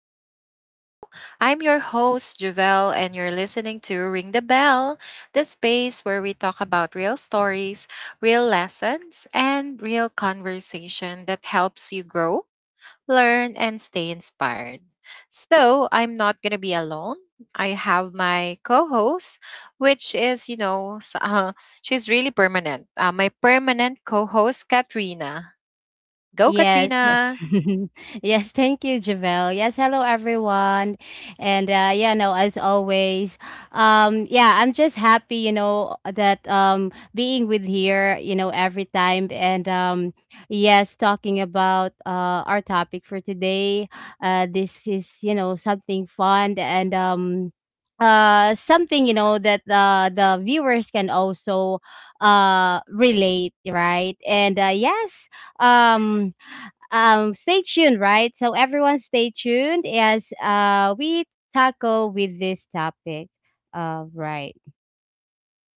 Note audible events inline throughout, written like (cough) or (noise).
back to the show. I'm your host, Javelle, and you're listening to Ring the Bell, the space where we talk about real stories, real lessons, and real conversation that helps you grow, learn, and stay inspired. So, I'm not going to be alone. I have my co host, which is, (laughs) she's really permanent. My permanent co host, Katrina. Go, Yes. Katrina. (laughs) Yes, thank you, Javelle. Yes, hello everyone. And yeah, no, as always, yeah, I'm just happy, you know, that being with here, you know, every time and yes, talking about our topic for today. This is, you know, something fun and something, you know, that the viewers can also relate, right? And yes. um Stay tuned, right? So everyone stay tuned as we tackle with this topic, right.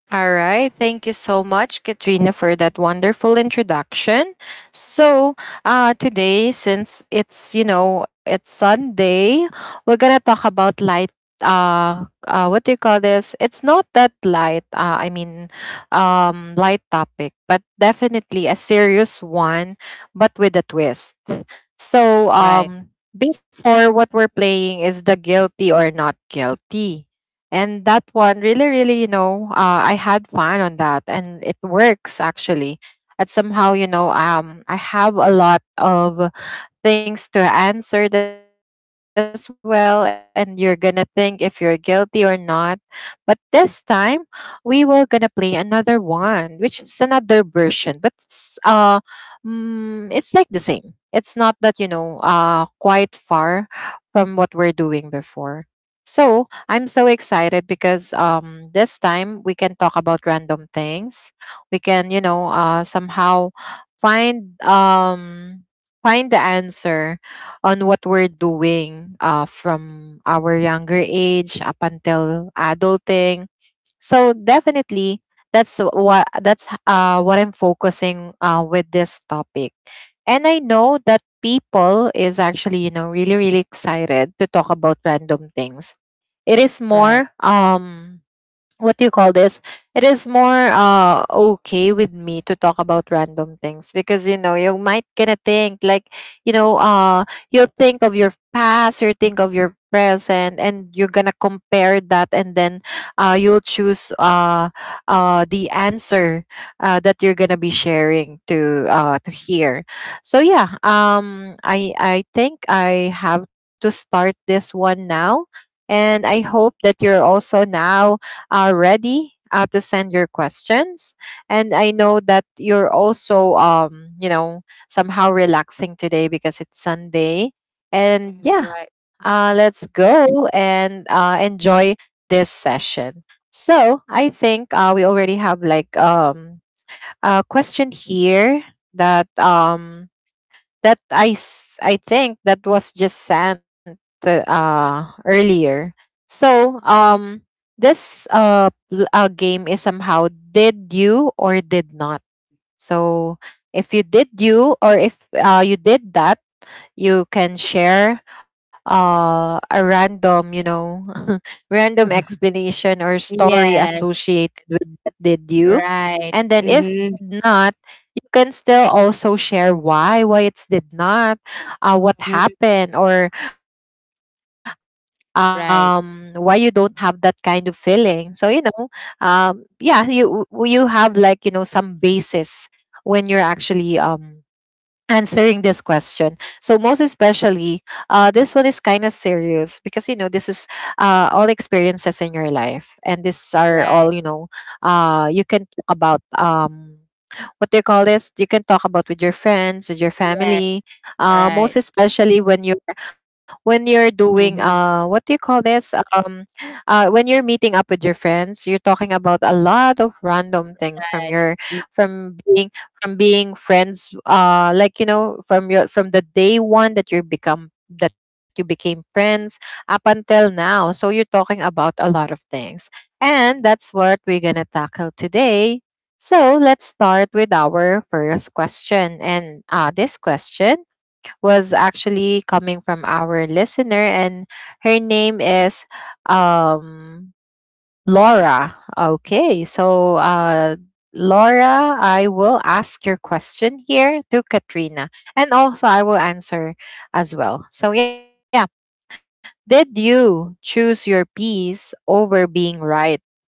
All right. Thank you so much, Katrina, for that wonderful introduction. So, today, since it's Sunday, we're going to talk about light. What do you call this? It's not that light, I mean, light topic, but definitely a serious one, but with a twist. So, Right. Before, what we're playing is the guilty or not guilty. And that one really, really, I had fun on that, and it works actually. And somehow, I have a lot of things to answer as well, and you're gonna think if you're guilty or not. But this time we were gonna play another one, which is another version, but it's like the same. It's not that, quite far from what we're doing before. So I'm so excited because this time we can talk about random things. We can, somehow find, find the answer on what we're doing, from our younger age up until adulting. So definitely, that's what I'm focusing with this topic, and I know that people is actually, really, really excited to talk about random things. It is Right. more, what do you call this? It is more okay with me to talk about random things because, you might gonna think like, you know uh you'll think of your past, you think of your present, and you're gonna compare that, and then you'll choose the answer that you're gonna be sharing to hear. So yeah, I think I have to start this one now, and I hope that you're also now are ready to send your questions. And I know that you're also, somehow relaxing today because it's Sunday. And Right. yeah, let's go and enjoy this session. So I think, we already have like, a question here that um, that I think that was just sent to earlier. So, this game is somehow did you or did not. So if you did you, or if you did that, you can share a random, (laughs) random (laughs) explanation or story Yes. associated with that did you, Right. and then if Mm-hmm. did not, can still also share why it's did not, what Hmm. happened, or, why you don't have that kind Right. of feeling. So, yeah, you you have like, some basis when you're actually, answering this question. So most especially, this one is kind of serious because, this is all experiences in your life, and these are all, Right. You can talk about, what do you call this? You can talk about with your friends, with your Yes. family. Right. Most especially when you're, when you're doing Mm-hmm. What do you call this? When you're meeting up with your friends, you're talking about a lot of random things Right. Mm. from being from being friends, like, from the day one that you became friends up until now. So you're talking about a lot of things. And that's what we're going to tackle today, so let's start with our first question. And This question was actually coming from our listener, and her name is, um, Laura. Okay, so, Laura, I will ask your question here to Katrina, and also I will answer as well. So, yeah, did you choose your piece over being right,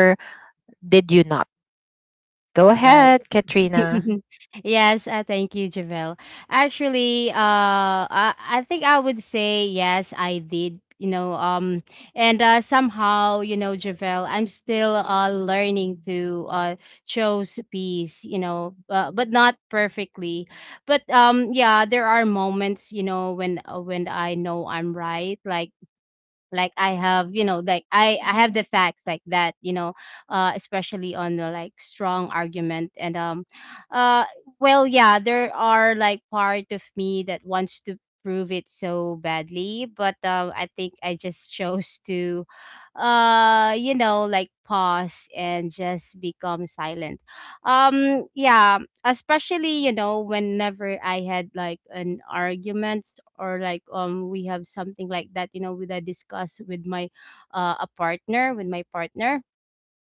or did you not? Go Right. (laughs) ahead, Katrina. Yes. Thank you, Javel. Actually, I think I would say yes, I did. You know. And somehow, you know, Javel, I'm still learning to chose peace. You know, but not perfectly. But yeah, there are moments, you know, when I know I'm right, like, I have, you know, like, I have the facts, like that, you know. Especially on the, like, strong argument. And um uh well, yeah, there are, like, part of me that wants to prove it so badly, but I think I just chose to, you know, like, pause and just become silent. Yeah. Especially, you know, whenever I had, like, an argument, or, like, we have something like that, you know, with I discuss with my a partner with my partner.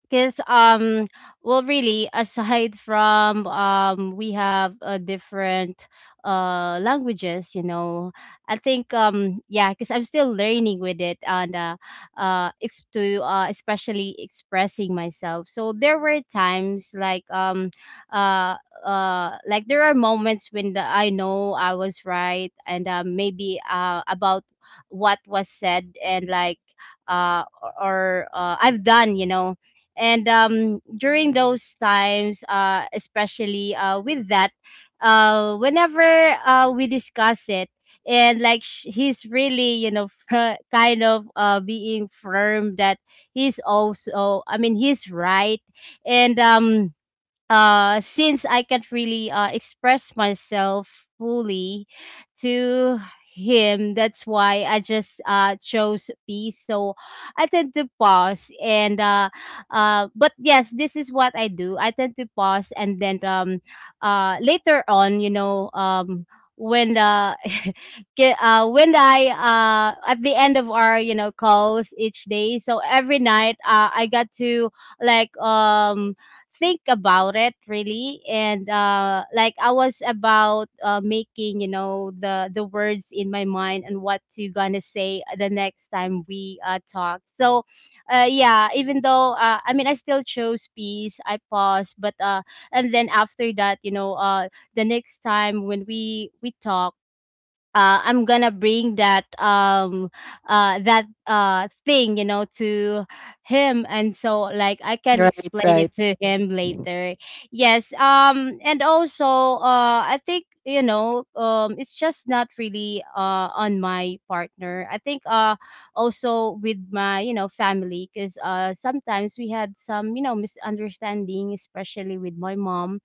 Because well, really, aside from, we have, different languages, you know. I think, yeah, because I'm still learning with it. And uh, uh ex- to uh, especially expressing myself, so there were times, like, uh there are moments when I know I was right. And maybe, about what was said, and, like, I've done, you know. And during those times, especially, with that, whenever we discuss it, and, like, he's really, you know, (laughs) kind of, being firm that he's also, he's right. and since I can't really, express myself fully to him, that's why I just, chose peace. So I tend to pause and, but yes, this is what I do. I tend to pause and then, later on, you know, when the (laughs) when I, at the end of our, you know, calls each day, so every night, I got to, like, think about it really. And, like, I was about, making, you know, the words in my mind and what to gonna say the next time we, talk. So, yeah. Even though, I still chose peace, I paused. But, and then after that, you know, the next time when we talk, I'm gonna bring that, that, thing, you know, to him, and so, like, I can explain Right, it to right. him later. Yes. And also, I think, you know, it's just not really, on my partner. I think, also with my, you know, family. Because, sometimes we had some, you know, misunderstanding, especially with my mom.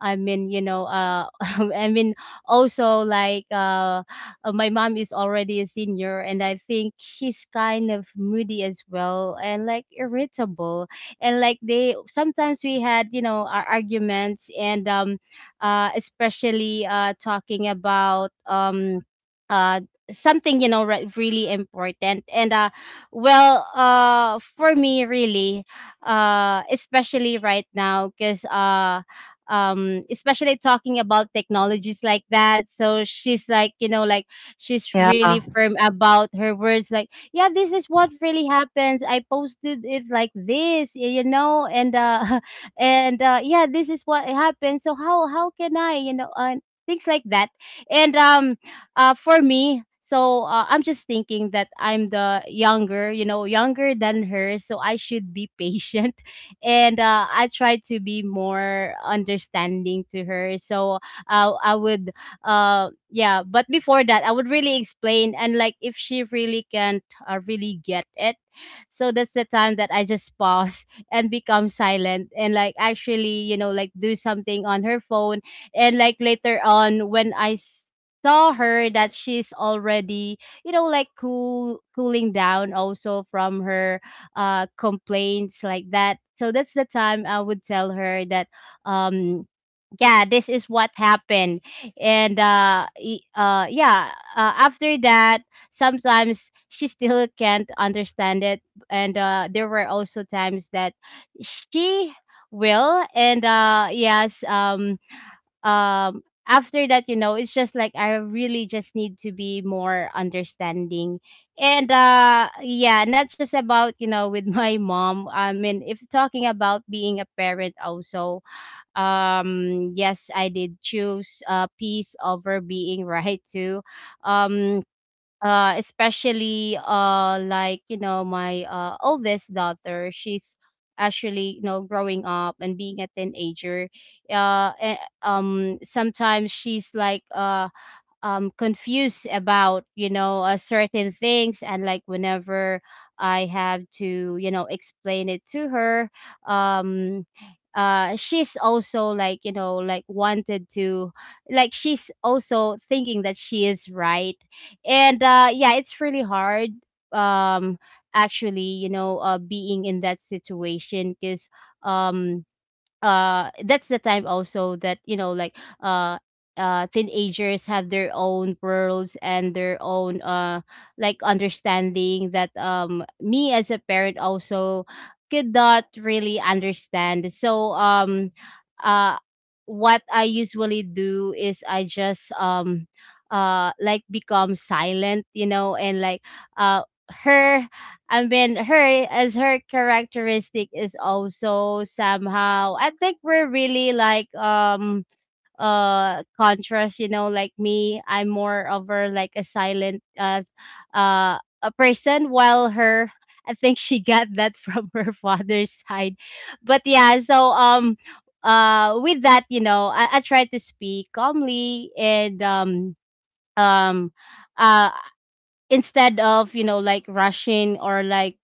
I mean, you know, (laughs) I mean, also, like, my mom is already a senior, and I think she's kind of moody as well, and, like, irritable. And, like, they sometimes we had, you know, our arguments. And especially, talking about, uh something, you know, really important. And well, for me, really, especially right now. Because, especially talking about technologies like that, so she's, like, you know, she's Yeah, really firm about her words, like, yeah, this is what really happens. I posted it like this, you know. And (laughs) and yeah, this is what happened. So, how can I, you know. And things like that. And For me, so, I'm just thinking that I'm the younger, you know, younger than her, so I should be (laughs) patient. And I try to be more understanding to her. So, I would, yeah. But before that, I would really explain. And, like, if she really can't, really get it. So that's the time that I just pause (laughs) and become silent and, like, actually, you know, like, do something on her phone. And, like, later on, when I saw her, that she's already, you know, like, cooling down also from her, complaints, like that. So that's the time I would tell her that, um, yeah, this is what happened. And yeah, after that, sometimes she still can't understand it. And there were also times that she will. And yes. Um After that, you know, it's just, like, I really just need to be more understanding. And yeah, not just about, you know, with (laughs) my mom. I mean, if talking about being a parent also. Yes, I did choose, peace over being right too. um Especially, like, you know, my, oldest daughter, she's actually, you know, growing up and being a teenager. uh eh, Sometimes she's, like, confused about, you know, certain things. And, like, whenever I have to, you know, explain it to her. um she's also, like, you know, wanted to, like, she's also thinking that she is right. And yeah, it's really hard. um Actually, you know, being in that situation. Because, um that's the time also that, you know, like, uh teenagers have their own worlds and their own, like, understanding, that me as a parent also could not really understand. So, uh what I usually do is I just, like, become silent, you know. And, like, uh her I mean, her, as her characteristic, is also somehow. I think we're really, like, contrast. You know, like me, I'm more over, like, a silent, a person, while her. (laughs) I think she got that from (laughs) her father's side, but yeah. So, with that, you know, I try to speak calmly. And um um uh instead of, you know, like, rushing or, like,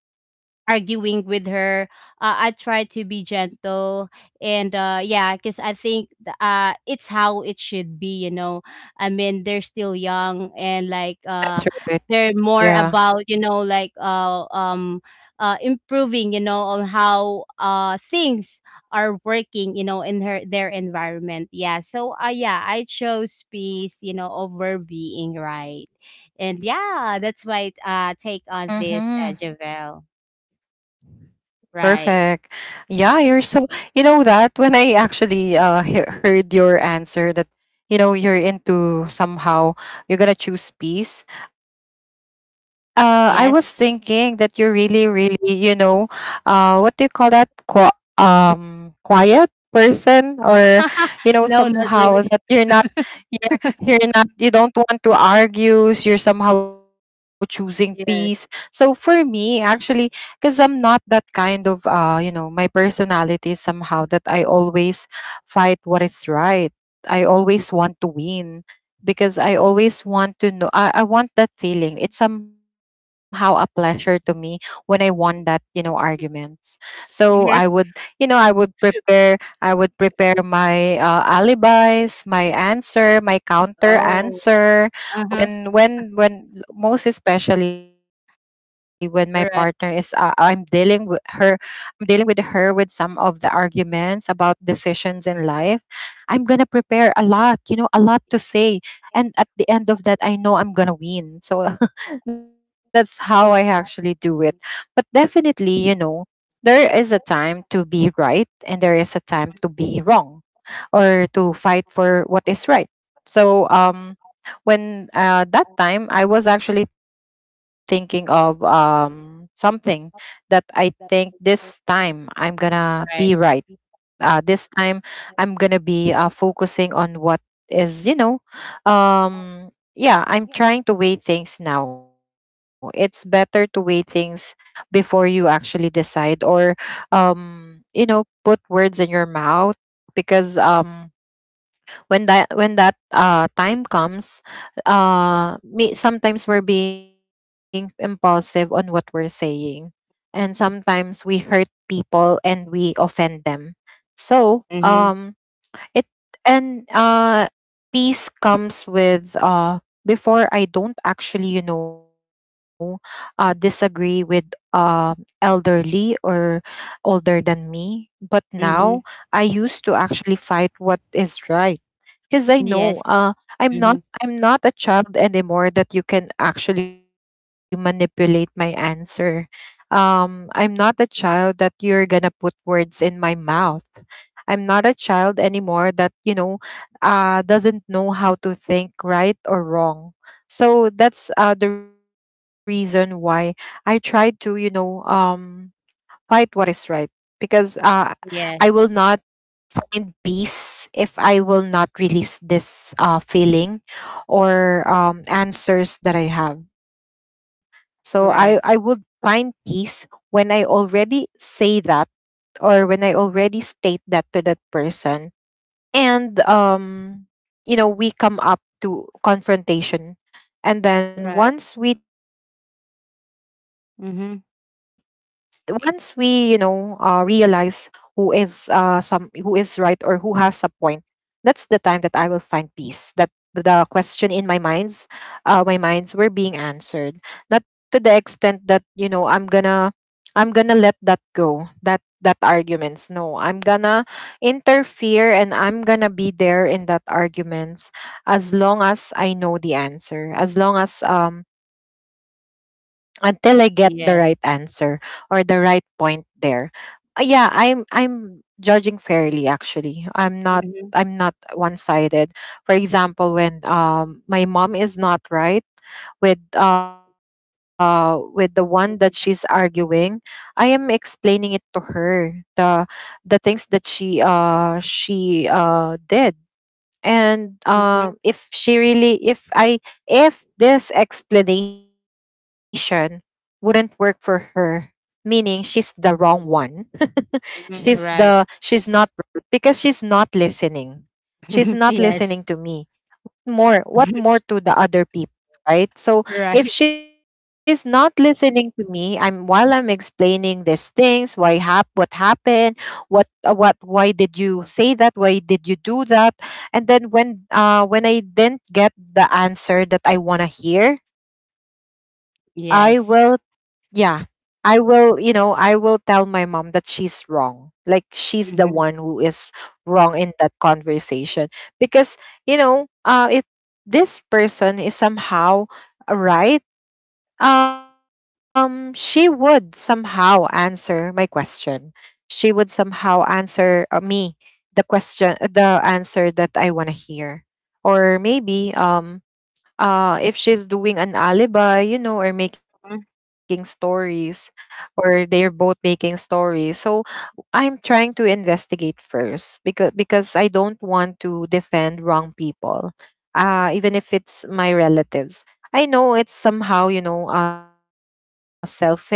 arguing with her. I try to be gentle, and yeah, because I think it's how it should be. You know, I mean, they're still young, and, like, that's right. Yeah. they're more about, you know, like, improving. You know, on how things are working. You know, in her, their environment. Yeah. So, yeah, I chose peace. You know, over being right. And yeah, that's my take Mm-hmm. on this, Javel. Perfect. Right. Yeah, you're so, you know, that when I actually heard your answer, that, you're into somehow you're gonna choose peace. I was thinking Yes. that you're really, really, what do you call that? Quiet person, or, (laughs) No, not somehow really. that, you're not, you don't want to argue. You're somehow choosing peace. So Yes. for me, actually, because I'm not that kind of, my personality is somehow that I always fight what is right. I always want to win because I always want to know. I want that feeling. It's somehow a pleasure to me when I won that, arguments. So I would, Yes. you know, I would prepare. I would prepare my, alibis, my answer, my counter Oh. answer. Uh-huh. When most especially when my partner is, I'm Right, dealing with her. I'm dealing with her with some of the arguments about decisions in life. I'm gonna prepare a lot. A lot to say, and at the end of that, I know I'm gonna win. So (laughs) that's how I actually do it. But definitely, there is a time to be right, and there is a time to be wrong, or to fight for what is right. So, when, that time, I was actually thinking of, something that I think this time I'm gonna be right. right. This time I'm gonna be, focusing on what is, um yeah, I'm trying to weigh things. Now it's better to weigh things before you actually decide, or, you know, put words in your mouth because, when that, time comes, me sometimes we're being impulsive on what we're saying, and sometimes we hurt people and we offend them. So, Mhm. It and, peace comes with, before I don't actually, disagree with, uh elderly or older than me. But now Mhm. I used to actually fight what is right because I know, Yes. I'm not Mhm. I'm not a child anymore that you can actually manipulate my answer. I'm not a child that you're gonna put words in my mouth. I'm not a child anymore that, doesn't know how to think right or wrong. So that's, the reason why I tried to, fight what is right because, I will Yes. not, and peace if I will not release this, feeling or, answers that I have. So, I would Right. find peace when I already say that, or when I already state that to that person. And, we come up to confrontation. And Right. then, once we Mhm. Realize who is, some who is right or who has a point, that's the time that I will find peace. That the question in my minds were being answered. Not to the extent that, I'm gonna let that go. That arguments. No, I'm gonna interfere, and I'm gonna be there in that arguments as long as I know the answer. As long as, until I get the Yes. right answer or the right point there. Yeah, I'm judging fairly actually. I'm Mhm. not I'm not one-sided. For example, when, my mom is not right with, with the one that she's arguing, I am explaining it to her the things that she did, Mhm. and, if she really if I if this explanation wouldn't work for her, meaning she's the wrong one. (laughs) Mhm. she's Right. the she's not, because she's not listening. She's (laughs) not Yes. listening to me, more what more (laughs) to the other people, right? So if Right. she's not listening to me, I'm while I'm explaining these things, what happened, what why did you say that, why did you do that? And then when I didn't get the answer that I want to hear, I will Yes. yeah I will you know I will tell my mom that she's wrong, like she's the one who Mhm. is wrong in that conversation. Because, if this person is somehow right, she would somehow answer my question. She would somehow answer, me the answer that I want to hear. Or maybe, if she's doing an alibi, or making Mhm. stories, or they're both making stories. So I'm trying to investigate first, because I don't want to defend wrong people. Even if it's my relatives. I know it's somehow, selfish or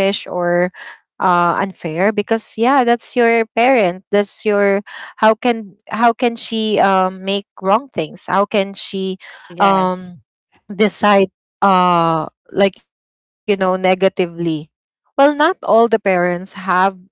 unfair because, yeah, that's your parent. That's your How can she make wrong things? How can she um Yes. decide uh like, negatively? Well, not all the parents have a right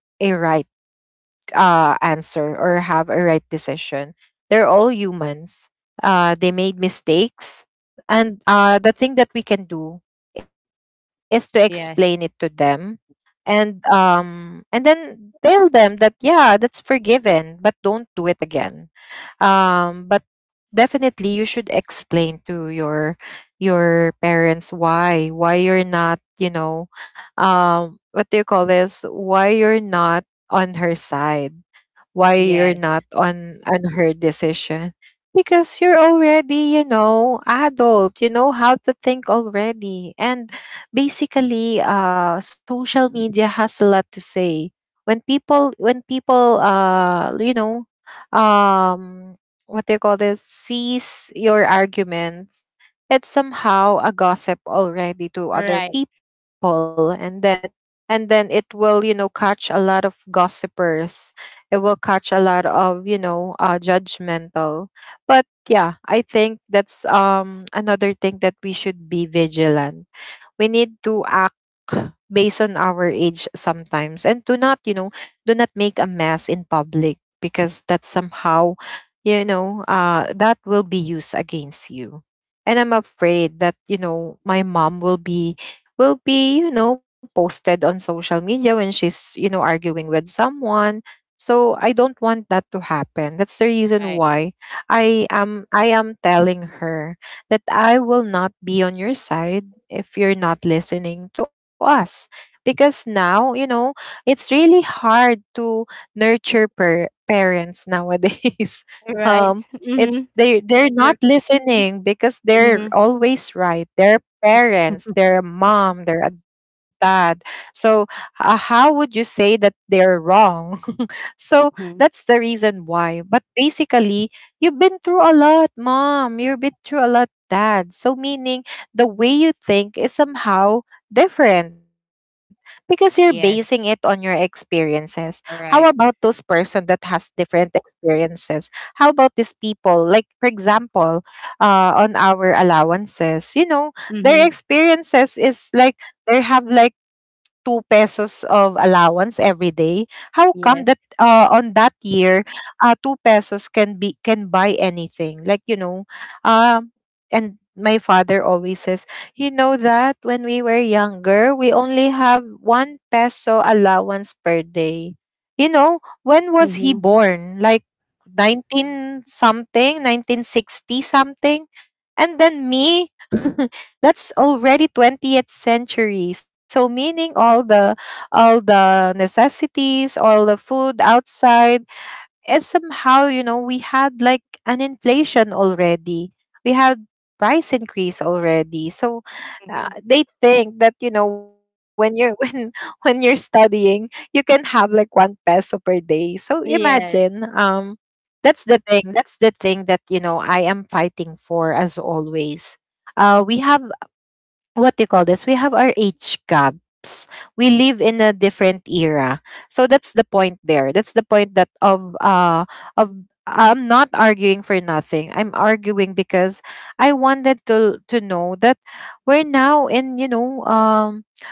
answer or have a right decision. They're all humans. They made mistakes. And the thing that we can do is to explain it to them Yes. and then tell them that yeah, that's forgiven, but don't do it again. But definitely you should explain to your parents why you're not, what do you call this, why you're not on her side, why you're Yes. not on her decision, because you're already, you know, adult, you know how to think already. And basically, social media has a lot to say when people um what they call this, sees your arguments. It's somehow a gossip already to Right. other people, and then it will, you know, catch a lot of gossipers. It will catch a lot of, you know, judgmental. But yeah, I think that's another thing that we should be vigilant. We need to act based on our age sometimes, and do not, do not make a mess in public, because that somehow, that will be used against you. And I'm afraid that, my mom will be, posted on social media when she's, arguing with someone. So I don't want that to happen. That's the reason Right. why I am telling her that I will not be on your side if you're not listening to us. Because now, it's really hard to nurture parents nowadays. (laughs) um, Right. (laughs) it's Mhm. They're not R- listening because they're Mhm. always right. They're parents, they're a mom, they're a dad. So how would you say that they're wrong? (laughs) so that's the (laughs) reason why. But basically, you've been through a lot, mom. You've been through a lot, dad. So meaning, the way you think is somehow different because you're basing it on your Yes. experiences. How about All those right. person that has different experiences? How about these people? Like, for example, on our allowances, their Mhm. experiences is like they have like 2 pesos of allowance every day. How come that, Yes. On that year, 2 pesos can buy anything? Like, um and my father always says, you know that when we were younger, we only have 1 peso allowance per day. You know, when was he Mhm. born? Like, 19 something, 1960 something. And then me, (laughs) that's already 20th century. So meaning, all the necessities, all the food outside, and somehow, you know, we had like an inflation already. We had price increase already. So Mhm. they think that, you know, when you're (laughs) when you're studying, you can have like 1 peso per day. So imagine, Yes, that's the thing that, you know, I am fighting for as always. We have, what do you call this? We have our age gaps. We live in a different era. So that's the point there. That's the point that of of I'm not arguing for nothing. I'm arguing because I wanted to know that we're now in, you know,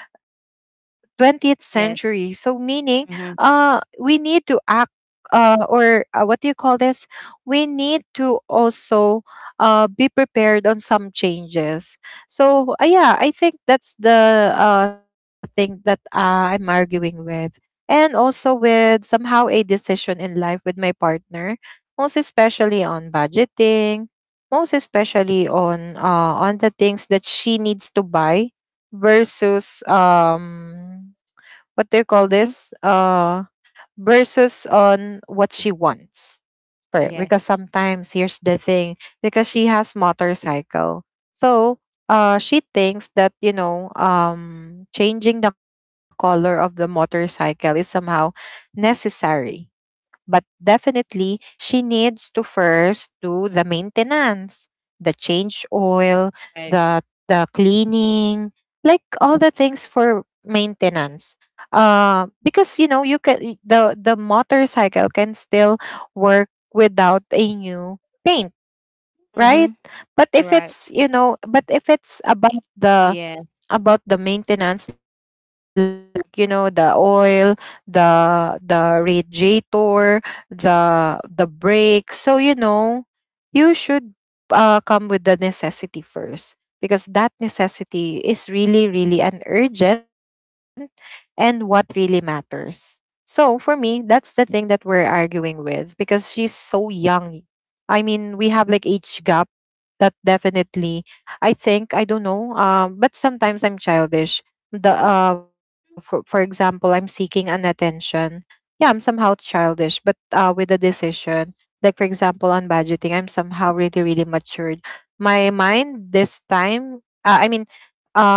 20th century. So yes. meaning, Mhm. we need to act, or what do you call this? We need to also be prepared on some changes. So yeah, I think that's the thing that I'm arguing with, and also with somehow a decision in life with my partner, most especially on budgeting, most especially on, on the things that she needs to buy, versus, what do you call this, Mhm. Versus on what she wants, because Yes. sometimes here's the thing. Because she has motorcycle. So she thinks that, you know, changing the color of the motorcycle is somehow necessary. But definitely, she needs to first do the maintenance, the change oil, Right. the cleaning, like all the things for maintenance. Because, you know, you can, the motorcycle can still work without a new paint, right? Mhm. But if Right. it's, you know, but if it's about the, Yes. Maintenance, like, you know, the oil, the the radiator, the the brakes, so, you know, you should come with the necessity first, because that necessity is really, really an urgent and what really matters. So for me, that's the thing that we're arguing with, because she's so young. I mean, we have like age gap. That definitely, I think, I don't know, but sometimes I'm childish. The For example, I'm seeking an attention. Yeah, I'm somehow childish, but with the decision, like, for example, on budgeting, I'm somehow really, really matured my mind this time. I mean,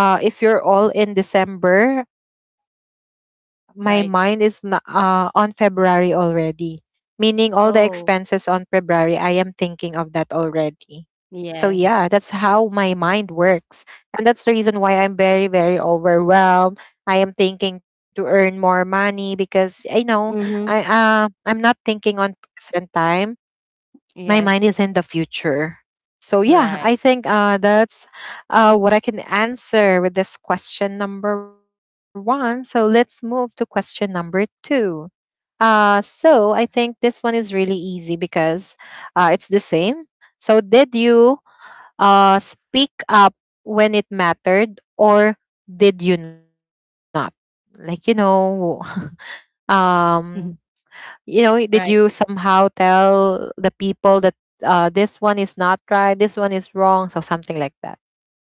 if you're all in december, my mind is Right. on february already, meaning all the expenses on Oh, february, I am thinking of that already. So yeah, that's how yes. my mind works. And that's the reason why I'm very, very overwhelmed. I am thinking to earn more money, because I know Mhm. I'm not thinking on present time. My Yes. mind is in the future. So Right. yeah, I think that's what I can answer with this question number one. So let's move to question number two. So I think this one is really easy because, it's the same. So did you speak up when it mattered, or did you not, like, you know, (laughs) Mhm. um Right. did you somehow tell the people that this one is not right, this one is wrong, so something like that.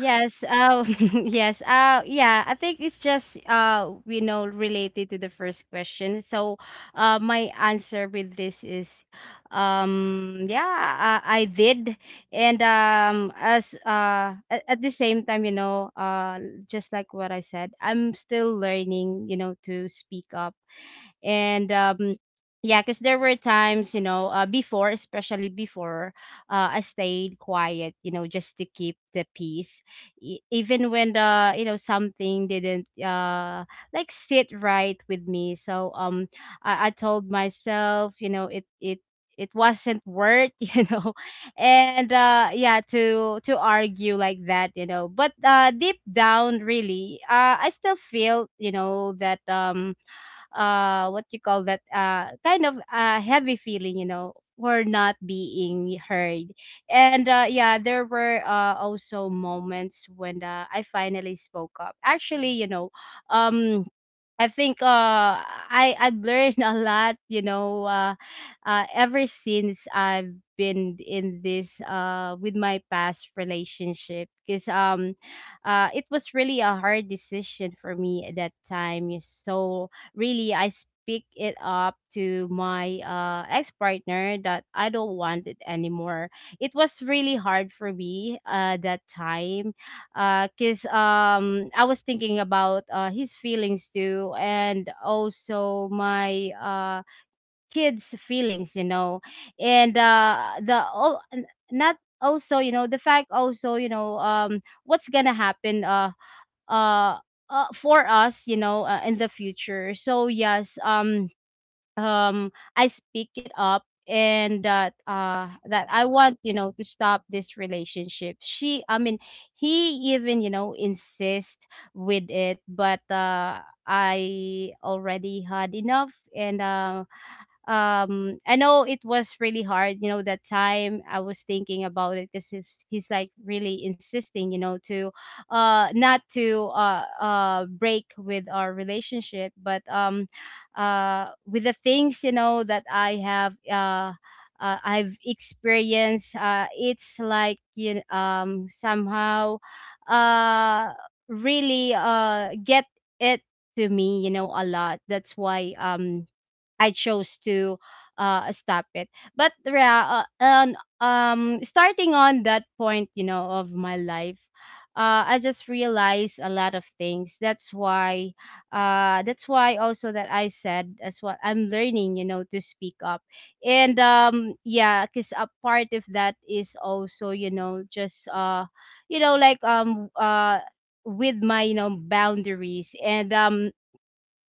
Go. (laughs) Yes. Yeah. I think it's just, you know, related to the first question. So, my answer with this is, yeah, I did. And as at the same time, you know, just like what I said, I'm still learning, you know, to speak up. And yeah, because there were times, you know, before, especially before, I stayed quiet, you know, just to keep the peace. Even when the, you know, something didn't, like, sit right with me. So, I told myself, you know, it wasn't worth, (laughs) you know. And yeah, to argue like that, you know. But, deep down, really, I still feel, you know, that, what you call that, kind of, heavy feeling, you know, for not being heard. And yeah, there were, also moments when, I finally spoke up. Actually, you know, um I think, I've learned (laughs) a lot, you know, ever since I've been in this, with my past relationship. Because, it was really a hard decision for me at that time. Yes. So really I speak it up to my, ex-partner, that I don't want it anymore. It was really hard for me that time because I was thinking about his feelings too, and also my kids' feelings, and the all not also you know the fact also you know what's gonna happen uh, for us, in the future. So yes, I speak it up and that I want, to stop this relationship. She I mean he even, insist with it, but I already had enough. And I know it was really hard, that time. I was thinking about it because he's like really insisting, to not to break with our relationship. But with the things, that I have I've experienced. It's like somehow, uh, really get it to me, a lot. That's why I chose to stop it. But yeah, starting on that point, you know, of my life, I just realized a lot of things. That's why also that I said, as what I'm learning, you know, to speak up. And yeah, because a part of that is also, you know, just you know, like um, uh, with my, you know, boundaries. And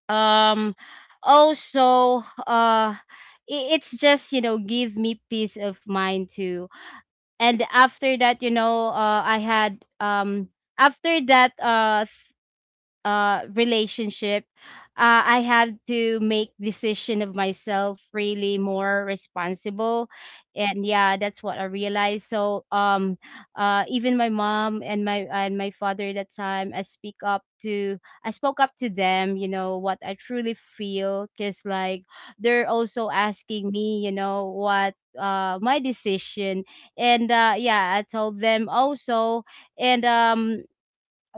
um also, uh i- it's just, you know, give me peace of mind too. And after that, you know, I had after that relationship, I had to make decision of myself really more responsible. And yeah, that's what I realized. So even my mom and my father at that time, I spoke up to them, you know, what I truly feel, because like they're also asking me, you know, what my decision. And yeah, I told them also. And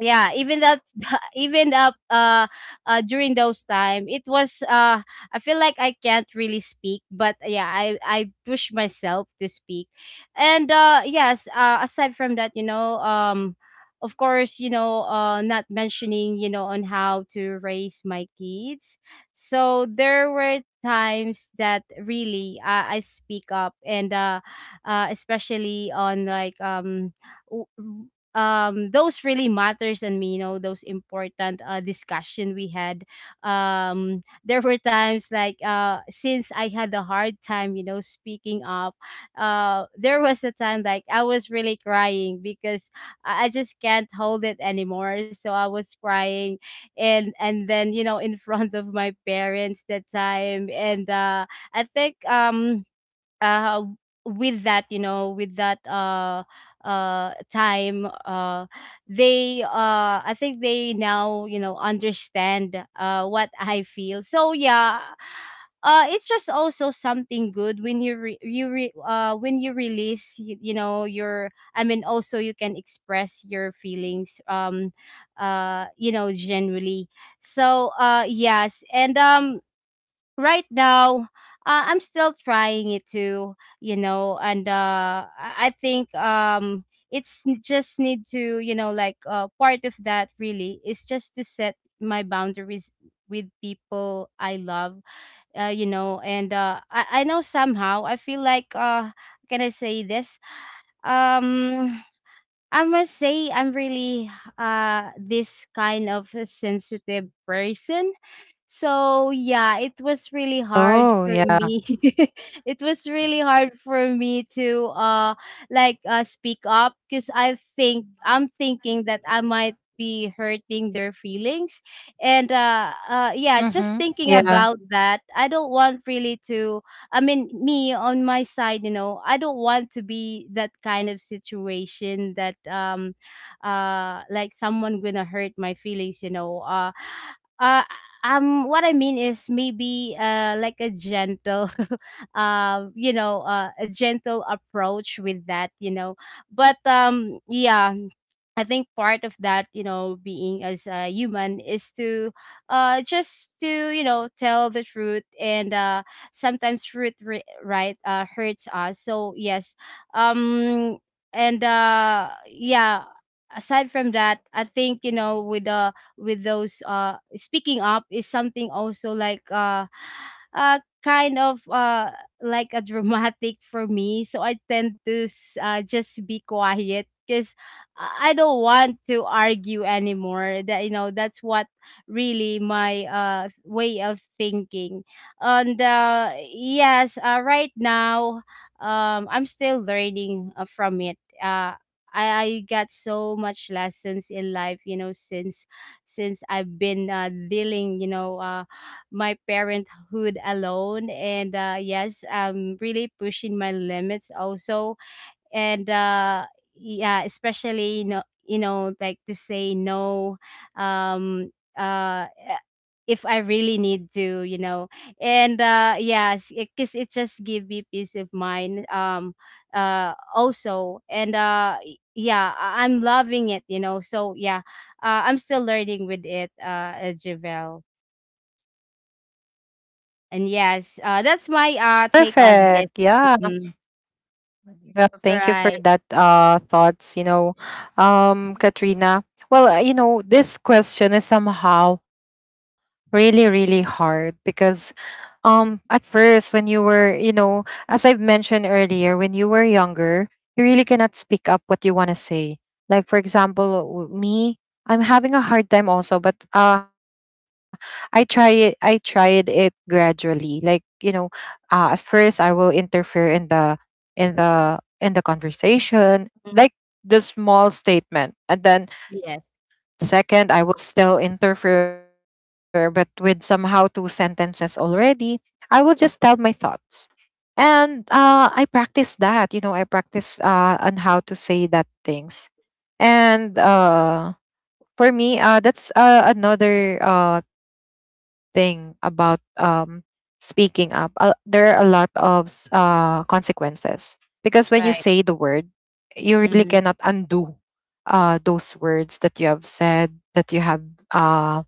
yeah, even that (laughs) even up during those time, it was I feel like I can't really speak. But yeah, I push myself to speak. And yes, aside from that, you know, of course, you know, not mentioning, you know, on how to raise my kids. So there were times that really, I speak up. And especially on, like, w- those really matters, and me, you know, those important discussion we had. There were times, like, since I had a hard time, you know, speaking up, there was a time, like, I was really crying because I just can't hold it anymore, so I was crying. And then you know, in (laughs) front of my parents that time. And I think uh with that you know with that time, they I think they now, you know, understand what I feel. So yeah, it's just also something good when you release you know, your, I mean, also you can express your feelings, you know, generally. So yes. And right now, I'm still trying it too, you know. And I think just need to, you know, like, part of that really is just to set my boundaries with people I love, you know. And I know somehow I feel like, can I say this? um I must say I'm really, this kind of a sensitive person. So yeah, it was really hard Oh for yeah. me. (laughs) It was really hard for me to like speak up, because I think I'm thinking that I might be hurting their feelings. And yeah, just Mhm. thinking Yeah. about that, I don't want really to, I mean, me on my side, you know, I don't want to be that kind of situation that like someone gonna hurt my feelings, you know. Uh, what I mean is maybe like a gentle (laughs) a gentle approach with that, you know. But yeah, I think part of that, you know, being as a human is to just to, you know, tell the truth. And sometimes truth ri right, hurts us. So yes. Um and Yeah, aside from that, I think, you know, with the with those, speaking up is something also like kind of like a dramatic for me, so I tend to just be quiet, because I don't want to argue anymore. That, you know, that's what really my way of thinking. And yes, right now, I'm still learning from it. I got so much lessons in life, you know, since I've been, dealing, you know, my parenthood alone. And yes, I'm really pushing my limits also. And yeah, especially, you know, like, to say no, um uh eh, if I really need to, you know. And yes, because 'cause it just give me peace of mind. Also. And yeah, I'm loving it, you know. So yeah, I'm still learning with it, Javel. And yes, that's my Perfect. Take Yeah. on this. Mhm. Well, thank you for Right. that thoughts, you know. Katrina. Well, you know, this question is somehow really, really hard because, at first when you were, you know, as I've mentioned earlier, when you were younger, you really cannot speak up what you want to say. Like, for example, me, I'm having a hard time also, but I tried it gradually, like, you know, at first I will interfere in the conversation, like Mhm. the small statement, and then Yes. second, I will still interfere, but with somehow two sentences already, I will just tell my thoughts. And I practice that, you know, I practice, on how to say that things. And for me, that's another thing about, speaking up. There are a lot of consequences, because when you say the Right. word, you really cannot Mhm. undo those words that you have said, uh,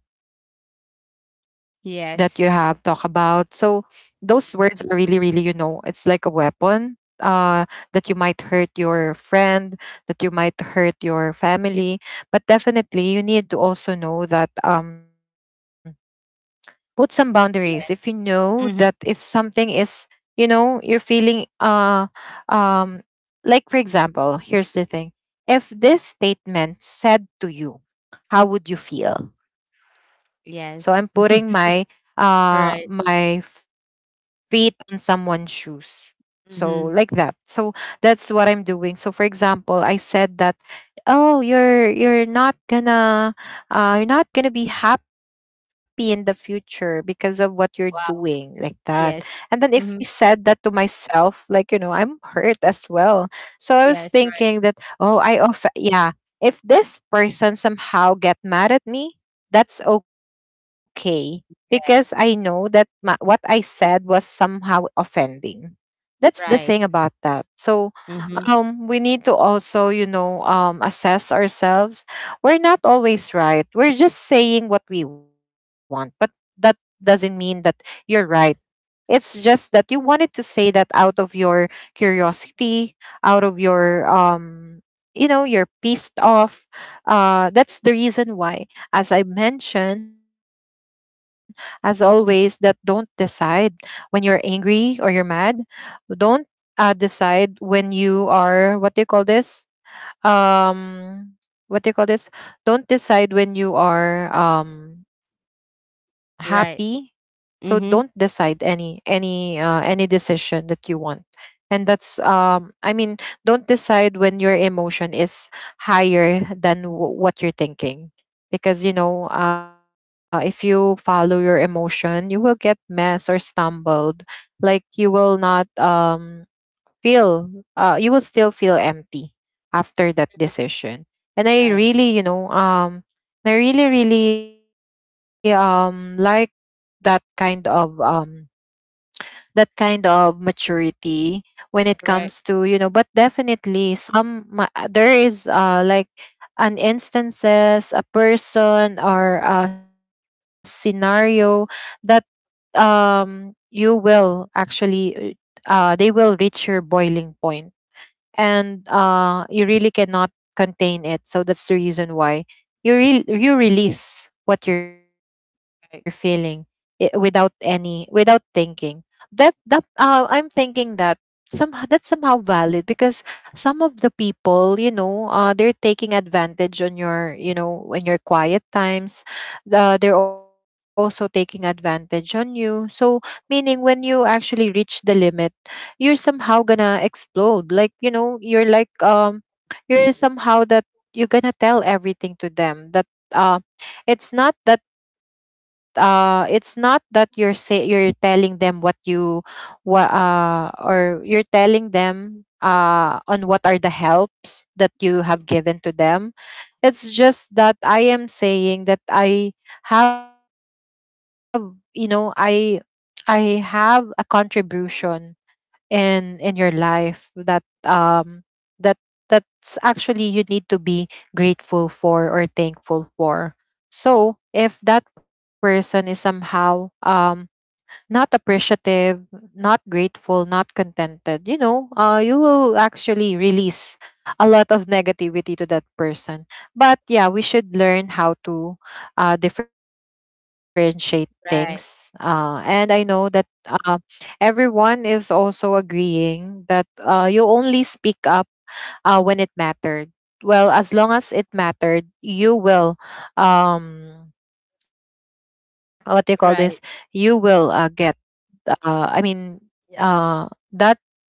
that you have talked about, so Yes. those words are really, really, you know, it's like a weapon that you might hurt your friend, that you might hurt your family. But definitely you need to also know that, put some boundaries if you Yes. know that if Mhm. something is, you know, you're feeling, um like, for example, here's the thing. If this statement said to you, how would you feel? So I'm putting my Yes. (laughs) My Right. feet on someone's shoes. So, like that. Mhm. So, that's what I'm doing. So, for example, I said that, oh, you're not gonna, you're not gonna be happy in the future because of what you're doing, like Wow. that. And then if Yes. I said Mhm. that to myself, like, you know, I'm hurt as well. So I was Yes, thinking right. that, oh, I off, yeah. If this person somehow get mad at me, that's okay, because I know Yes. that my, what I said was somehow offending. That's the thing about Right. that. So, Mhm. We need to also, you know, assess ourselves. We're not always right. We're just saying what we want, but that doesn't mean that you're right. It's just that you wanted to say that out of your curiosity, out of your, you know, you're pissed off. That's the reason why. As I mentioned, as always, that don't Mhm. decide when you're angry or you're mad. Don't decide when you are, what do you call this? um what do you call this? Don't decide when you are happy, Right. so don't decide Mhm. any decision that you want. And that's don't decide when your emotion is higher than what you're thinking, because if you follow your emotion you will get mess or stumbled. Like you will not feel, you will still feel empty after that decision. And I Right. really I really really like that kind of um that kind of maturity when it comes to, you Right. know. But definitely some there is like an instances, a person or a scenario that you will actually, they will reach your boiling point, and you really cannot contain it. So that's the reason why you release what you're feeling Right. without any, without thinking. That that I'm thinking that somehow that's somehow valid, because some of the people, you know, they're taking advantage on your, you know, when your quiet times, they're also taking advantage on you. So meaning when you actually reach the limit, you're somehow gonna explode, like you know, you're like you're somehow that you're gonna tell everything to them. That uh it's not that it's not that you're say you're telling them what you, what or you're telling them on what are the helps that you have given to them. It's just that I am saying that I have, you know, I have a contribution in your life, that um that that's actually you need to be grateful for or thankful for. So if that person is somehow not appreciative, not grateful, not contented, you know, you will actually release a lot of negativity to that person. But yeah, we should learn how to differentiate Right. things. And I know that everyone is also agreeing that you only speak up when it mattered. Well, as long as it mattered, you will, um, what do you call this? Right. You will get, uh, I mean, uh, that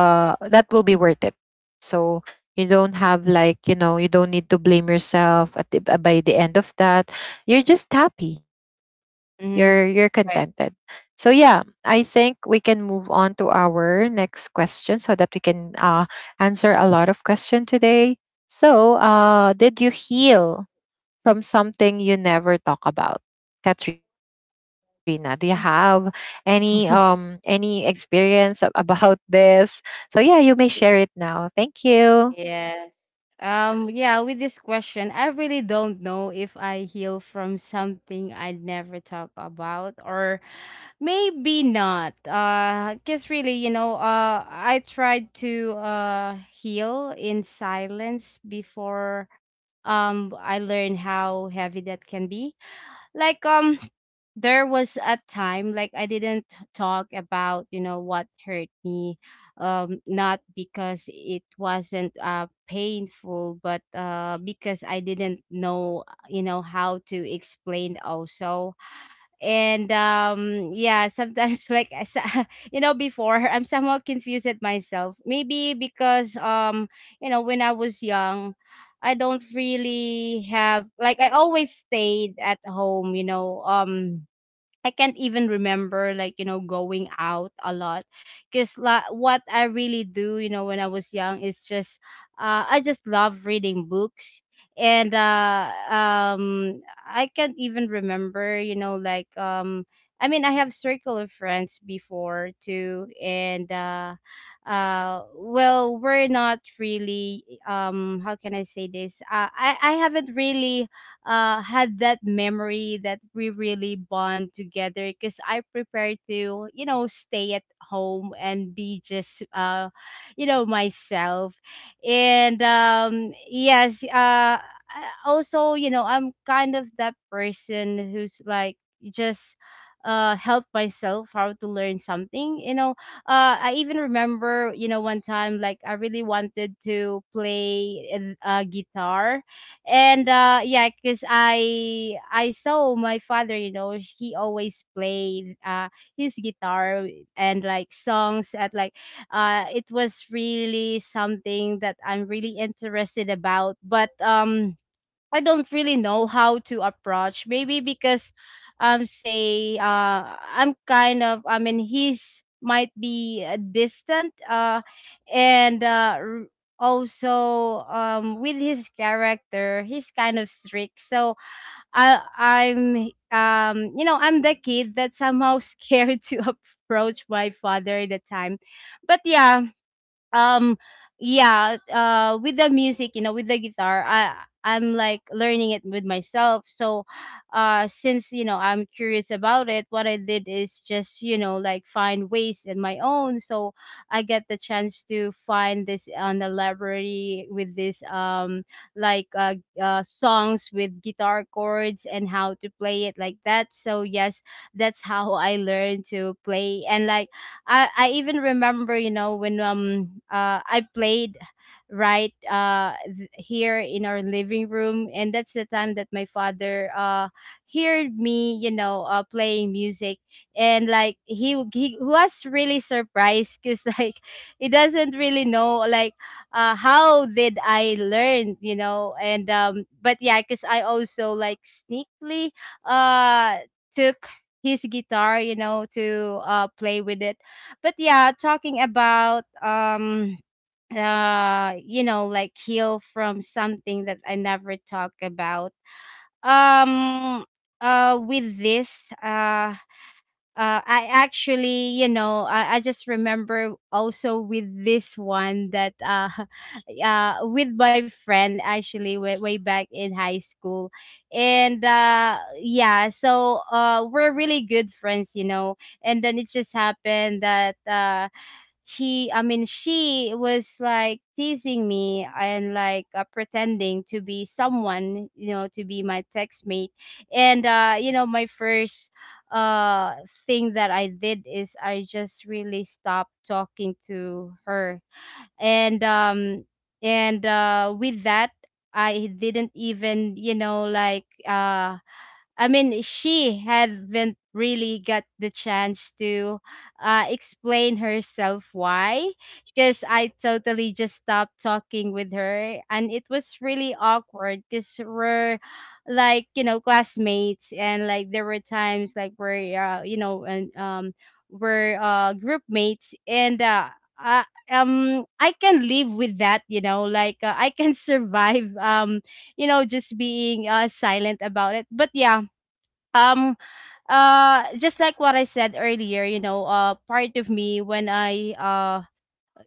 that will be worth it. So you don't have, like you know, you don't need to blame yourself at the, by the end of that. You're just happy. You're Mhm. you're Right. contented. So yeah, I think we can move on to our next question so that we can answer a lot of question today. So, did you heal from something you never talk about? Katrina, do you have Mhm. (laughs) Any experience (laughs) about this? So yeah, you may share it now. Thank you. Yes. Yeah, with this question, I really don't know if I heal from something I never talk about, or maybe not. 'Cause really, you know, I tried to heal in silence before I learned how heavy that can be. Like, there was a time like I didn't talk about, you know, what hurt me, not because it wasn't painful, but because I didn't know, you know, how to explain also. And yeah, sometimes (laughs) like (laughs) you know, before, I'm somewhat confused at myself, maybe because, you know, when I was young, I don't really have, like, I always stayed at home, you know. I can't even remember, like, you know, going out a lot, because what I really do, you know, when I was young, is just, I just love reading books. And I can't even remember, you know, like, I mean, I have circle of friends before too. And well, we're not really, how can I say this, I haven't really, had that memory that we really bond together, because I prepared to, you know, stay at home and be just, you know, myself. And yes, also, you know, I'm kind of that person who's like just help myself how to learn something, you know. I even remember, you know, one time, like, I really wanted to play guitar. And yeah, because I saw my father, you know, he always played his guitar and like songs at like, it was really something that I'm really interested about. But I don't really know how to approach. Maybe because, say I'm kind of, I mean, he's might be, distant. And uh r- Also, with his character, he's kind of strict. So I I'm you know, I'm the kid that somehow scared (laughs) to approach my father at the time. But yeah, um yeah, with the music, you know, with the guitar, I'm like learning it with myself. So since, you know, I'm curious about it, what I did is just, you know, like, find ways in my own. So I get the chance to find this on the library with this like uh, songs with guitar chords and how to play it, like that. So yes, that's how I learned to play. And like, I even remember, you know, when I played right, here in our living room, and that's the time that my father heard me, you know, playing music. And like he was really surprised, because (laughs) like, he doesn't really know like how did I learn, you know. And but yeah, because I also like sneakily uh took his guitar, you know, to play with it. But yeah, talking about you know, like, heal from something that I never talk about. Um with this, I actually, you know, I just remember also with this one that, (laughs) with my friend actually way, way back in high school. And yeah, so we're really good friends, you know. And then it just happened that, I mean, she was like teasing me and like, pretending to be someone, you know, to be my text mate. And you know, my first uh thing that I did is I just really stopped talking to her. And um and with that I didn't even, she haven't really got the chance to explain herself why, because I totally just stopped talking with her, and it was really awkward because we're classmates, and like there were times we're group mates, and I I can live with that, I can (laughs) survive just being silent about it. But yeah um just like what I said earlier, part of me. When I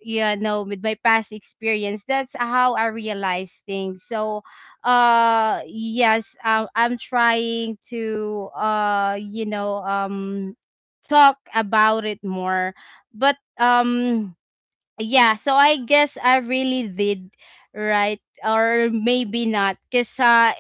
you know With my past experience, that's how I realize things. So yes, I'm trying to talk about it more. But yeah, so I guess I really did. Right? Or maybe not, because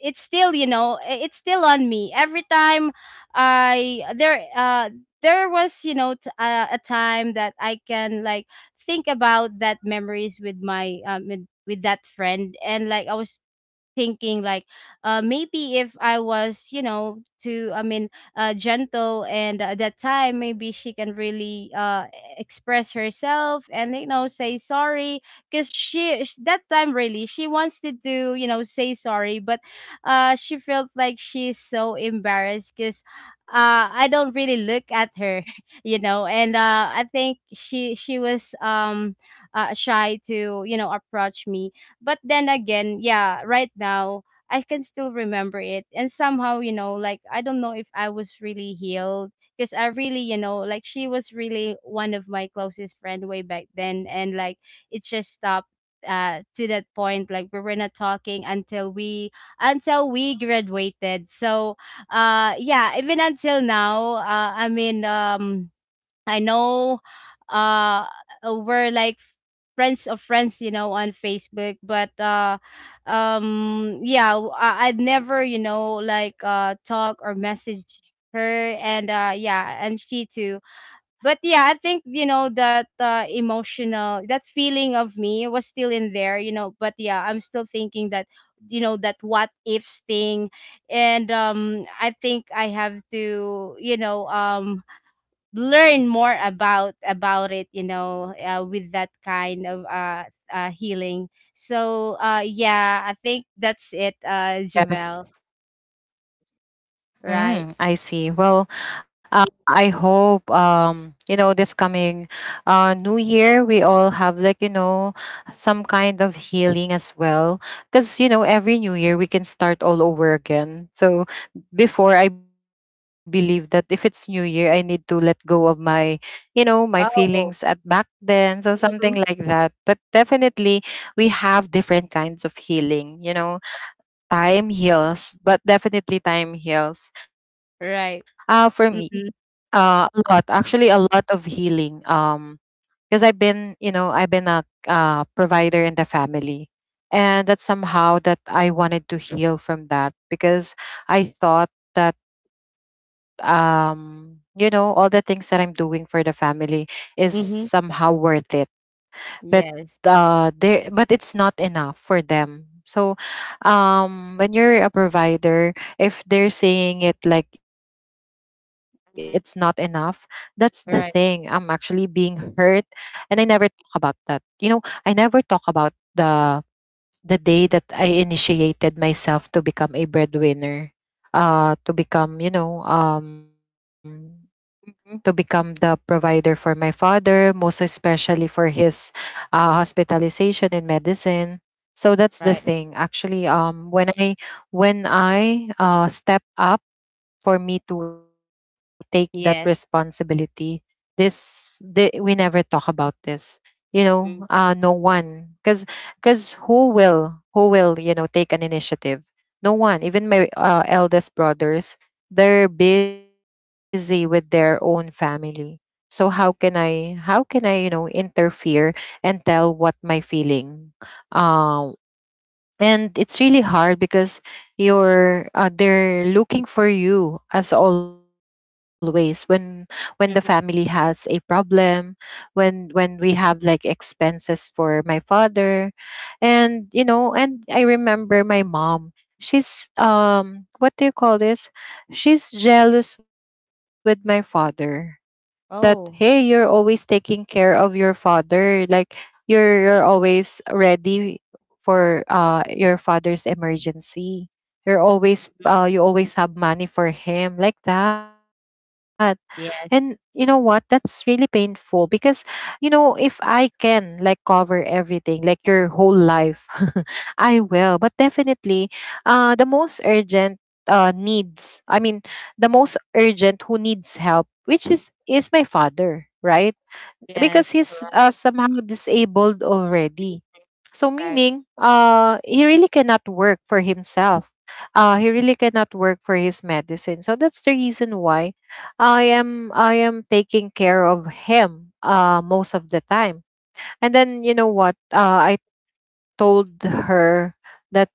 it's still, you know, it's still on me every time. I there There was, you know, a time that I can like think about that memories with my, with that friend. And like I was thinking like, maybe if I was, you know to I mean gentle and at that time, maybe she can really express herself and, you know, say sorry. Because that time really she wants to do, you know, say sorry, but she felt like she's so embarrassed because I don't really look at her (laughs) you know. And I think she was shy to, you know, approach me. But then again, yeah, right now I can still remember it. And somehow, you know, like, I don't know if I was really healed, because I really, you know, like, she was really one of my closest friend way back then, and like it just stopped to that point, like we were not talking until we graduated. So, yeah, even until now, I know uh we're like friends of friends, you know, on Facebook, but yeah, I would never, you know, talk or message her. And yeah, and she too. But yeah, I think, you know, that emotional, that feeling of me was still in there, you know. But yeah, I'm still thinking that, you know, that what ifs thing. And I think I have to, you know, learn more about it, you know, with that kind of healing. So yeah, I think that's it, Yes. Javel, right? Mm, I see. Well, I hope you know, this coming new year we all have, like you know, some kind of healing as well, because you know every new year we can start all over again. So before, I believe that if it's new year I need to let go of my, you know, my feelings at Oh, back then, so something like mhm, that. But definitely we have different kinds of healing, you know. Time heals, but definitely time heals. For right, me, mm-hmm, a lot, actually, a lot of healing. Because I've been, you know, I've been a provider in the family, and that somehow that I wanted to heal from that because I thought that, you know, all the things that I'm doing for the family is somehow mm-hmm, worth it. But yes, they but it's not enough for them. So when you're a provider, if they're saying it like it's not enough, that's the mhm, thing I'm actually being right, hurt. And I never talk about that, you know, I never talk about the the day that I initiated myself to become a breadwinner, to become, you know, to become mm-hmm, the provider for my father, most especially for his hospitalization and medicine. So that's the right, thing. Actually, when I when I step up for me to take that yes, responsibility. This the, we never talk about this. You know, mhm, no one, cuz who will, you know, take an initiative? No one. Even my eldest brothers, they're busy with their own family. So how can I, you know, interfere and tell what my feeling. um and it's really hard because you're they're looking for you as always when the family has a mhm, problem, when we have like expenses for my father. And you know, and I remember my mom, she's what do you call this, she's jealous with my father, that, "Hey, you're oh, always taking care of your father, like you're always ready for your father's emergency, you're always hmm, you always have money for him," like that. And you know what, yes, that's really painful because, you know, if I can like cover everything, like your whole life, (laughs) I will. But definitely the most urgent needs I mean the most urgent who needs help, which is my father, right? Because yes, he's right. somehow disabled already. So Right. meaning, he really cannot work for himself. He really cannot work for his medicine. So that's the reason why I am taking care of him most of the time. And then you know what? I told her that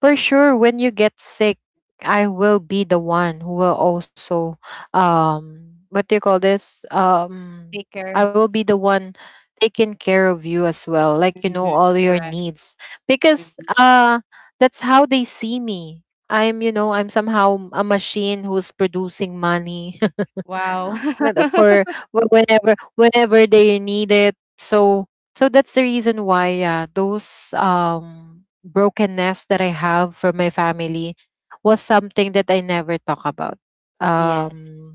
for sure when you get sick I will be the one who will also what do you call this Thicker. I will be the one taking care of you as well, like you Mhm, know, all your right, needs. Because mhm. That's how they see me, I'm, you know, I'm somehow a machine who's producing money, Wow. no, no, (laughs) for whenever they need it. So so that's the reason why, yeah, those brokenness that I have from my family was something that I never talk about. Yes. Um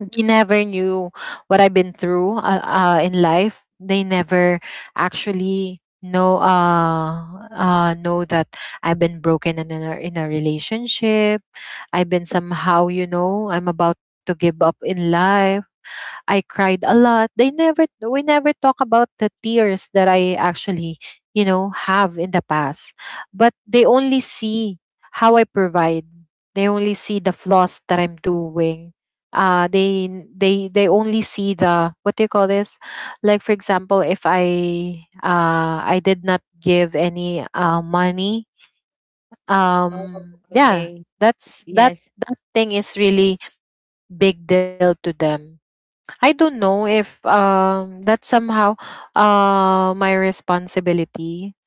they never knew what I've been through in life. They never actually know that I've been broken in a relationship. I've been somehow, you know, I'm about to give up in life. I cried a lot. They never we never talk about the tears that I actually, you know, have in the past. But they only see how I provide. They only see the flaws that I'm doing. They only see the, what do you call this? Like for example, if I did not give any money, Oh, yeah, okay, that's that yes. that thing is really big deal to them. I don't know if that's somehow my responsibility.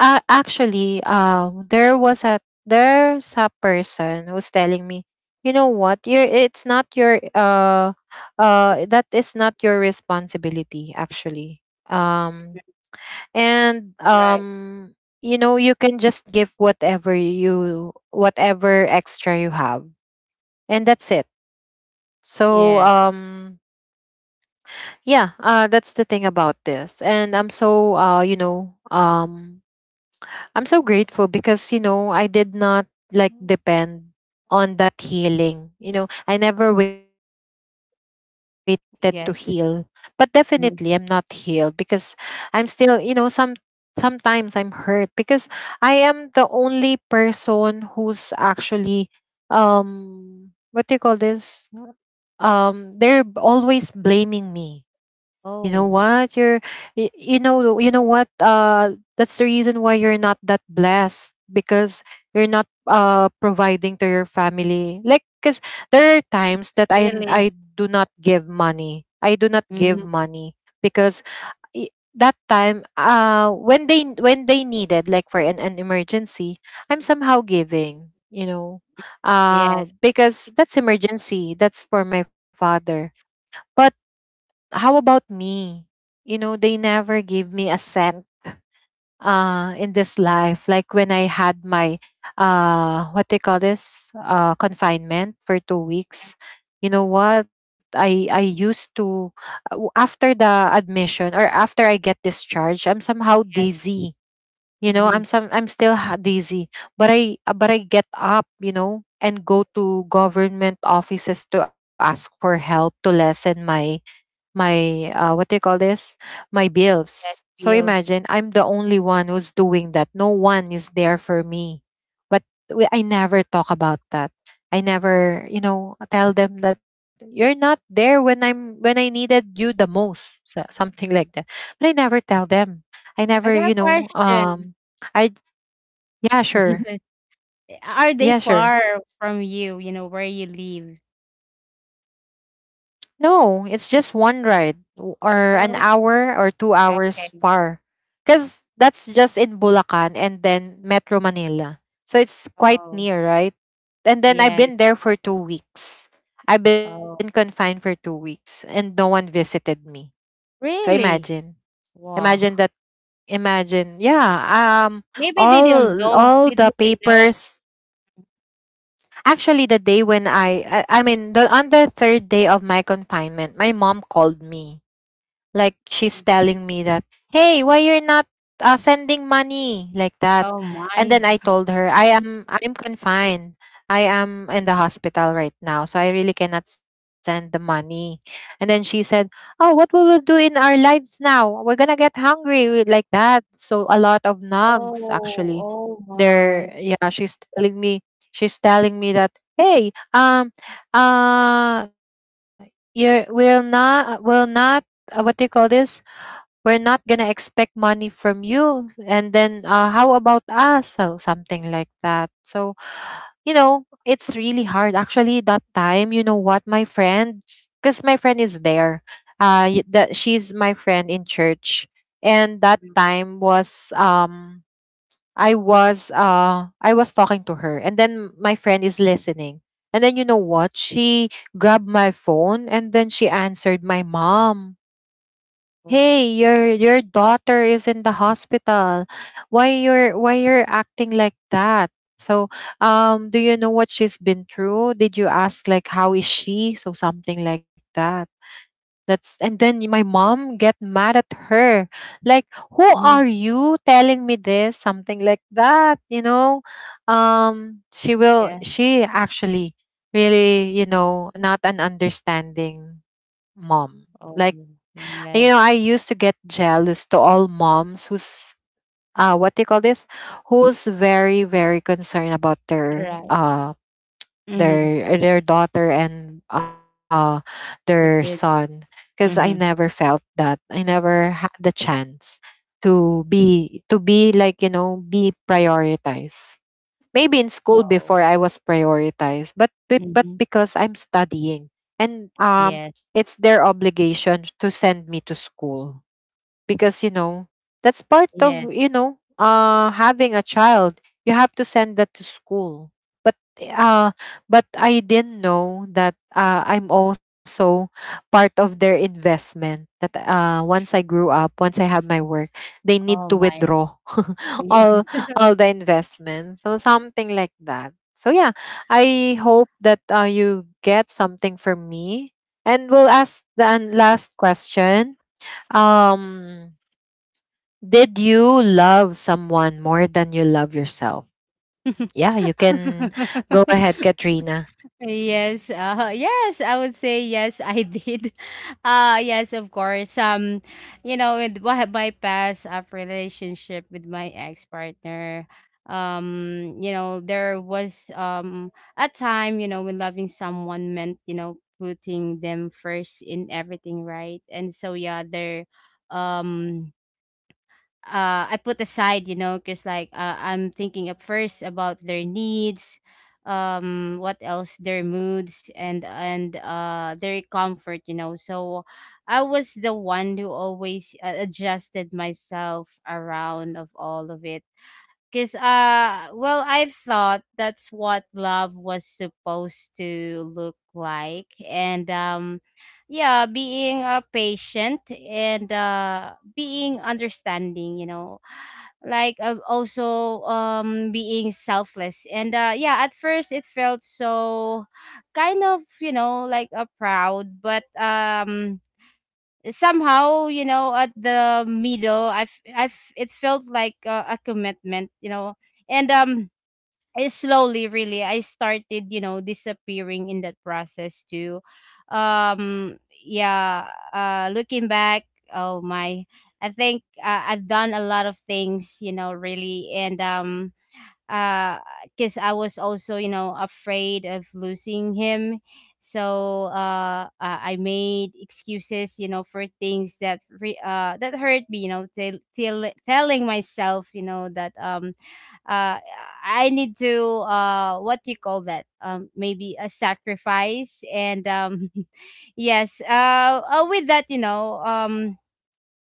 Actually, there's a person who's telling me, "You know what, you're, it's not your that is not your responsibility actually. Um and Right. You know you can just give whatever you, whatever extra you have, and that's it." So Yes. Yeah, that's the thing about this. And I'm so you know, I'm so grateful because, you know, I did not like Mm. depend on that healing, you know, I never waited to heal. But definitely I'm not Yes. healed because I'm Mhm. still, you know, sometimes I'm hurt because I am the only person who's actually what do you call this they're always blaming me, "You know what? You're Oh, you know, you know what? That's the reason why you're not that blessed, because you're not providing to your family." Like cuz there are times that really? I do not give money. I do not Hmm. give money because, that time when they needed like for an emergency, I'm somehow giving, you know. Yes. Because that's emergency, that's for my father. How about me? You know, they never gave me a cent in this life. Like when I had my what they call this, confinement for 2 weeks. You know what? I used to after the admission or after I get discharged, I'm somehow Yes. dizzy. You know, Hmm. I'm still dizzy, but I get up, you know, and go to government offices to ask for help to lessen my my what do you call this, my bills. Yes. So Feels. imagine, I'm the only one who's doing that, no one is there for me. But I never talk about that. I never, you know, tell them that you're not there when I'm when I needed you the most, so something like that. But I never tell them, I I never, got you a know, question. I yeah, (laughs) sure. Yes. Are they Yeah, far sure. from you? You know where you live? No, it's just one ride or an Oh. hour or two Okay. hours far. Because that's just in Bulacan and then Metro Manila. So it's quite Oh. near, right? And then I've Yes. been there for 2 weeks. I've been Oh. confined for 2 weeks and no one visited me. So Really? imagine. Wow. Imagine that imagine, yeah. um Maybe they don't all know. Did the did they know? papers, actually the day when I mean the, on the third day of my confinement my mom called me. Like she's telling me that, "Hey, why you're not sending money?" like that. Oh And my. then I told her, "I am I'm confined. I am in the hospital right now, so I really cannot send the money." And then she said, "Oh, what we will do in our lives now? We're gonna get hungry we-" like that. So a lot of nugs, Oh. actually. Oh They're, my. yeah. She's telling me. She's telling me that, "Hey, uh, you will not what do you call this, we're not gonna expect money from you, and then how about us?" so something like that. So you know, it's really hard actually that time. You know what, my friend, because my friend is there, that she's my friend in church, and that time was I was I was talking to her, and then my friend is listening. And then, you know what, she grabbed my phone and then she answered my mom, Oh. "Hey, your daughter is in the hospital, why you're acting like that? So do you know what she's been through? Did you ask like how is she?" so something like that. That's, and then my mom get mad at her, like, "Who are Hmm. you telling me this?" something like that, you know. She will, Yeah. she actually, really, you know, not an understanding mom. Oh. Like, you know, I Yes. used to get jealous to all moms who's what they call this, who's very, very concerned about All right. Their daughter and their Your son, kid. because I never Mhm. felt that. I never had the chance to be like, you know, be prioritized. Maybe in school Oh. before I was prioritized, but but Mhm. because I'm studying, and Yes, it's their obligation to send me to school, because you know, that's part yes. of, you know, having a child, you have to send that to school. But uh but I didn't know that I'm also part of their investment, that once I grew up, once I have my work, they need Oh to my. withdraw (laughs) Yes. all all the investments, so something like that. So yeah, I hope that you get something from me, and we'll ask the last question. um did you love someone more than you love yourself? (laughs) Yeah, you can go ahead, Katrina. Yes, yes, I would say yes, I did. (laughs) Yes, of course. You know, with my past relationship with my ex-partner, you know, there was a time, you know, when loving someone meant, you know, putting them first in everything, right? And so yeah, there um I put aside, you know, because I'm thinking at first about their needs, what else, their moods, and their comfort, you know. So I was the one who always adjusted myself around of all of it. Cause I thought that's what love was supposed to look like. And yeah, being patient and being understanding, you know, also being selfless. And yeah, at first it felt so kind of, you know, like a proud, but somehow, you know, at the middle, I've it felt like a commitment, you know. And I slowly really I started, you know, disappearing in that process too. um yeah. Looking back, oh my, I think I've done a lot of things, you know, really. And um uh because I was also, you know, afraid of losing him, so I made excuses, you know, for things that that hurt me, you know, telling myself, you know, that uh I need to, what do you call that, maybe a sacrifice. And (laughs) yes, with that, you know,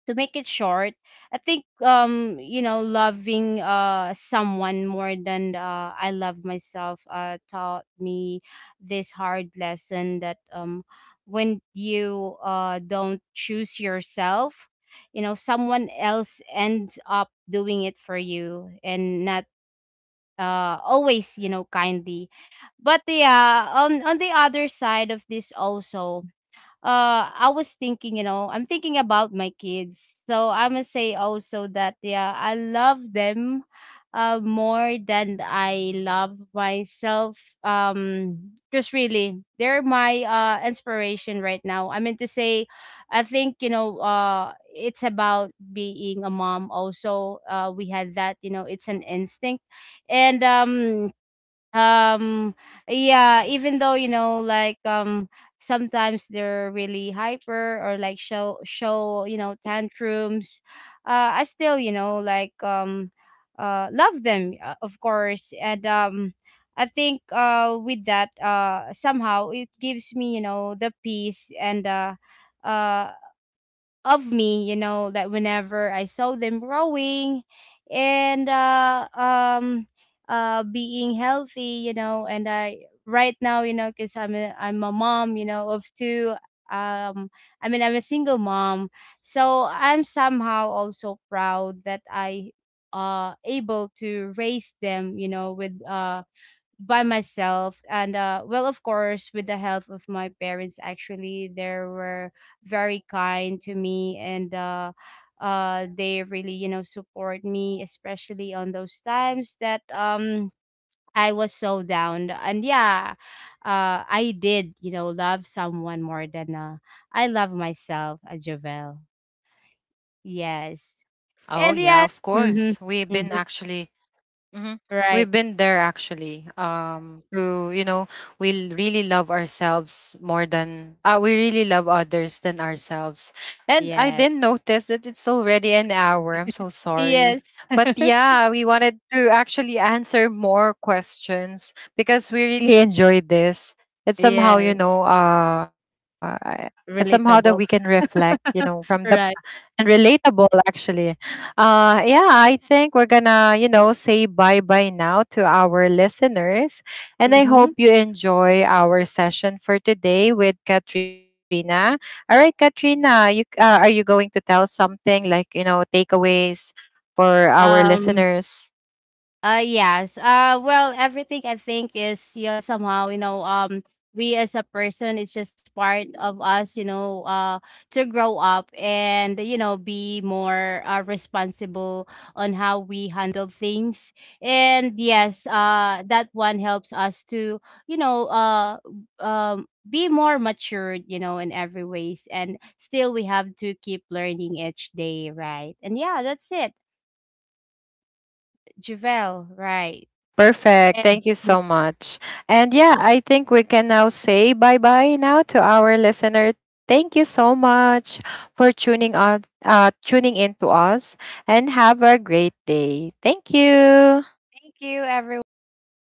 to make it short, I think, you know, loving someone more than I love myself taught me this hard lesson that, when you don't choose yourself, you know, someone else ends up doing it for you, and not always, you know, kindly. But yeah, on the other side of this also, I was thinking, you know, I'm thinking about my kids. So I must say also that yeah, I love them more than I love myself. Um because really they're my inspiration right now. I mean to say, I think, you know, it's about being a mom also. Uh, we had that, you know, it's an instinct. And um yeah, even though, you know, like, sometimes they're really hyper or like show show you know, tantrums, I still, you know, love them, of course. And I think, with that, somehow it gives me, you know, the peace and uh of me, you know, that whenever I saw them growing and being healthy, you know. And I right now, you know, cuz I'm a mom, you know, of two. um I mean I'm a single mom. So I'm somehow also proud that I able to raise them, you know, with by myself. And well, of course, with the help of my parents. Actually they were very kind to me, and they really, you know, support me, especially on those times that I was so down. And yeah, I did, you know, love someone more than I love myself, as Jovel. Yes. Oh, yeah, And of yes, course. mhm, We've been mhm, actually, mm-hmm, we've right, been there actually. To you know, really love ourselves more than we really love others than ourselves. And I yes, didn't notice that it's already an hour. I'm so sorry, yes. (laughs) but yeah, we wanted to actually answer more questions because we really enjoyed this. It's somehow, you Yes. know, it's somehow that we can Relatable. reflect, you know, from the (laughs) Right. and relatable actually. Yeah, I think we're gonna, you know, say bye bye now to our listeners, and I hope Mhm. you enjoy our session for today with Katrina. All right, Katrina, you are you going to tell something like, you know, takeaways for our Um, listeners? uh, yes. Well, everything, I think, is, you know, somehow, you know, we as a person, it's just part of us, you know, to grow up and, you know, be more responsible on how we handle things. And yes, that one helps us to, you know, be more matured, you know, in every ways. And still we have to keep learning each day, right? And yeah, that's it. Javel, right. Perfect. Thank you And. so much. And yeah, I think we can now say bye bye now to our listener. Thank you so much for tuning on, tuning in to us, and have a great day. Thank you. Thank you, everyone.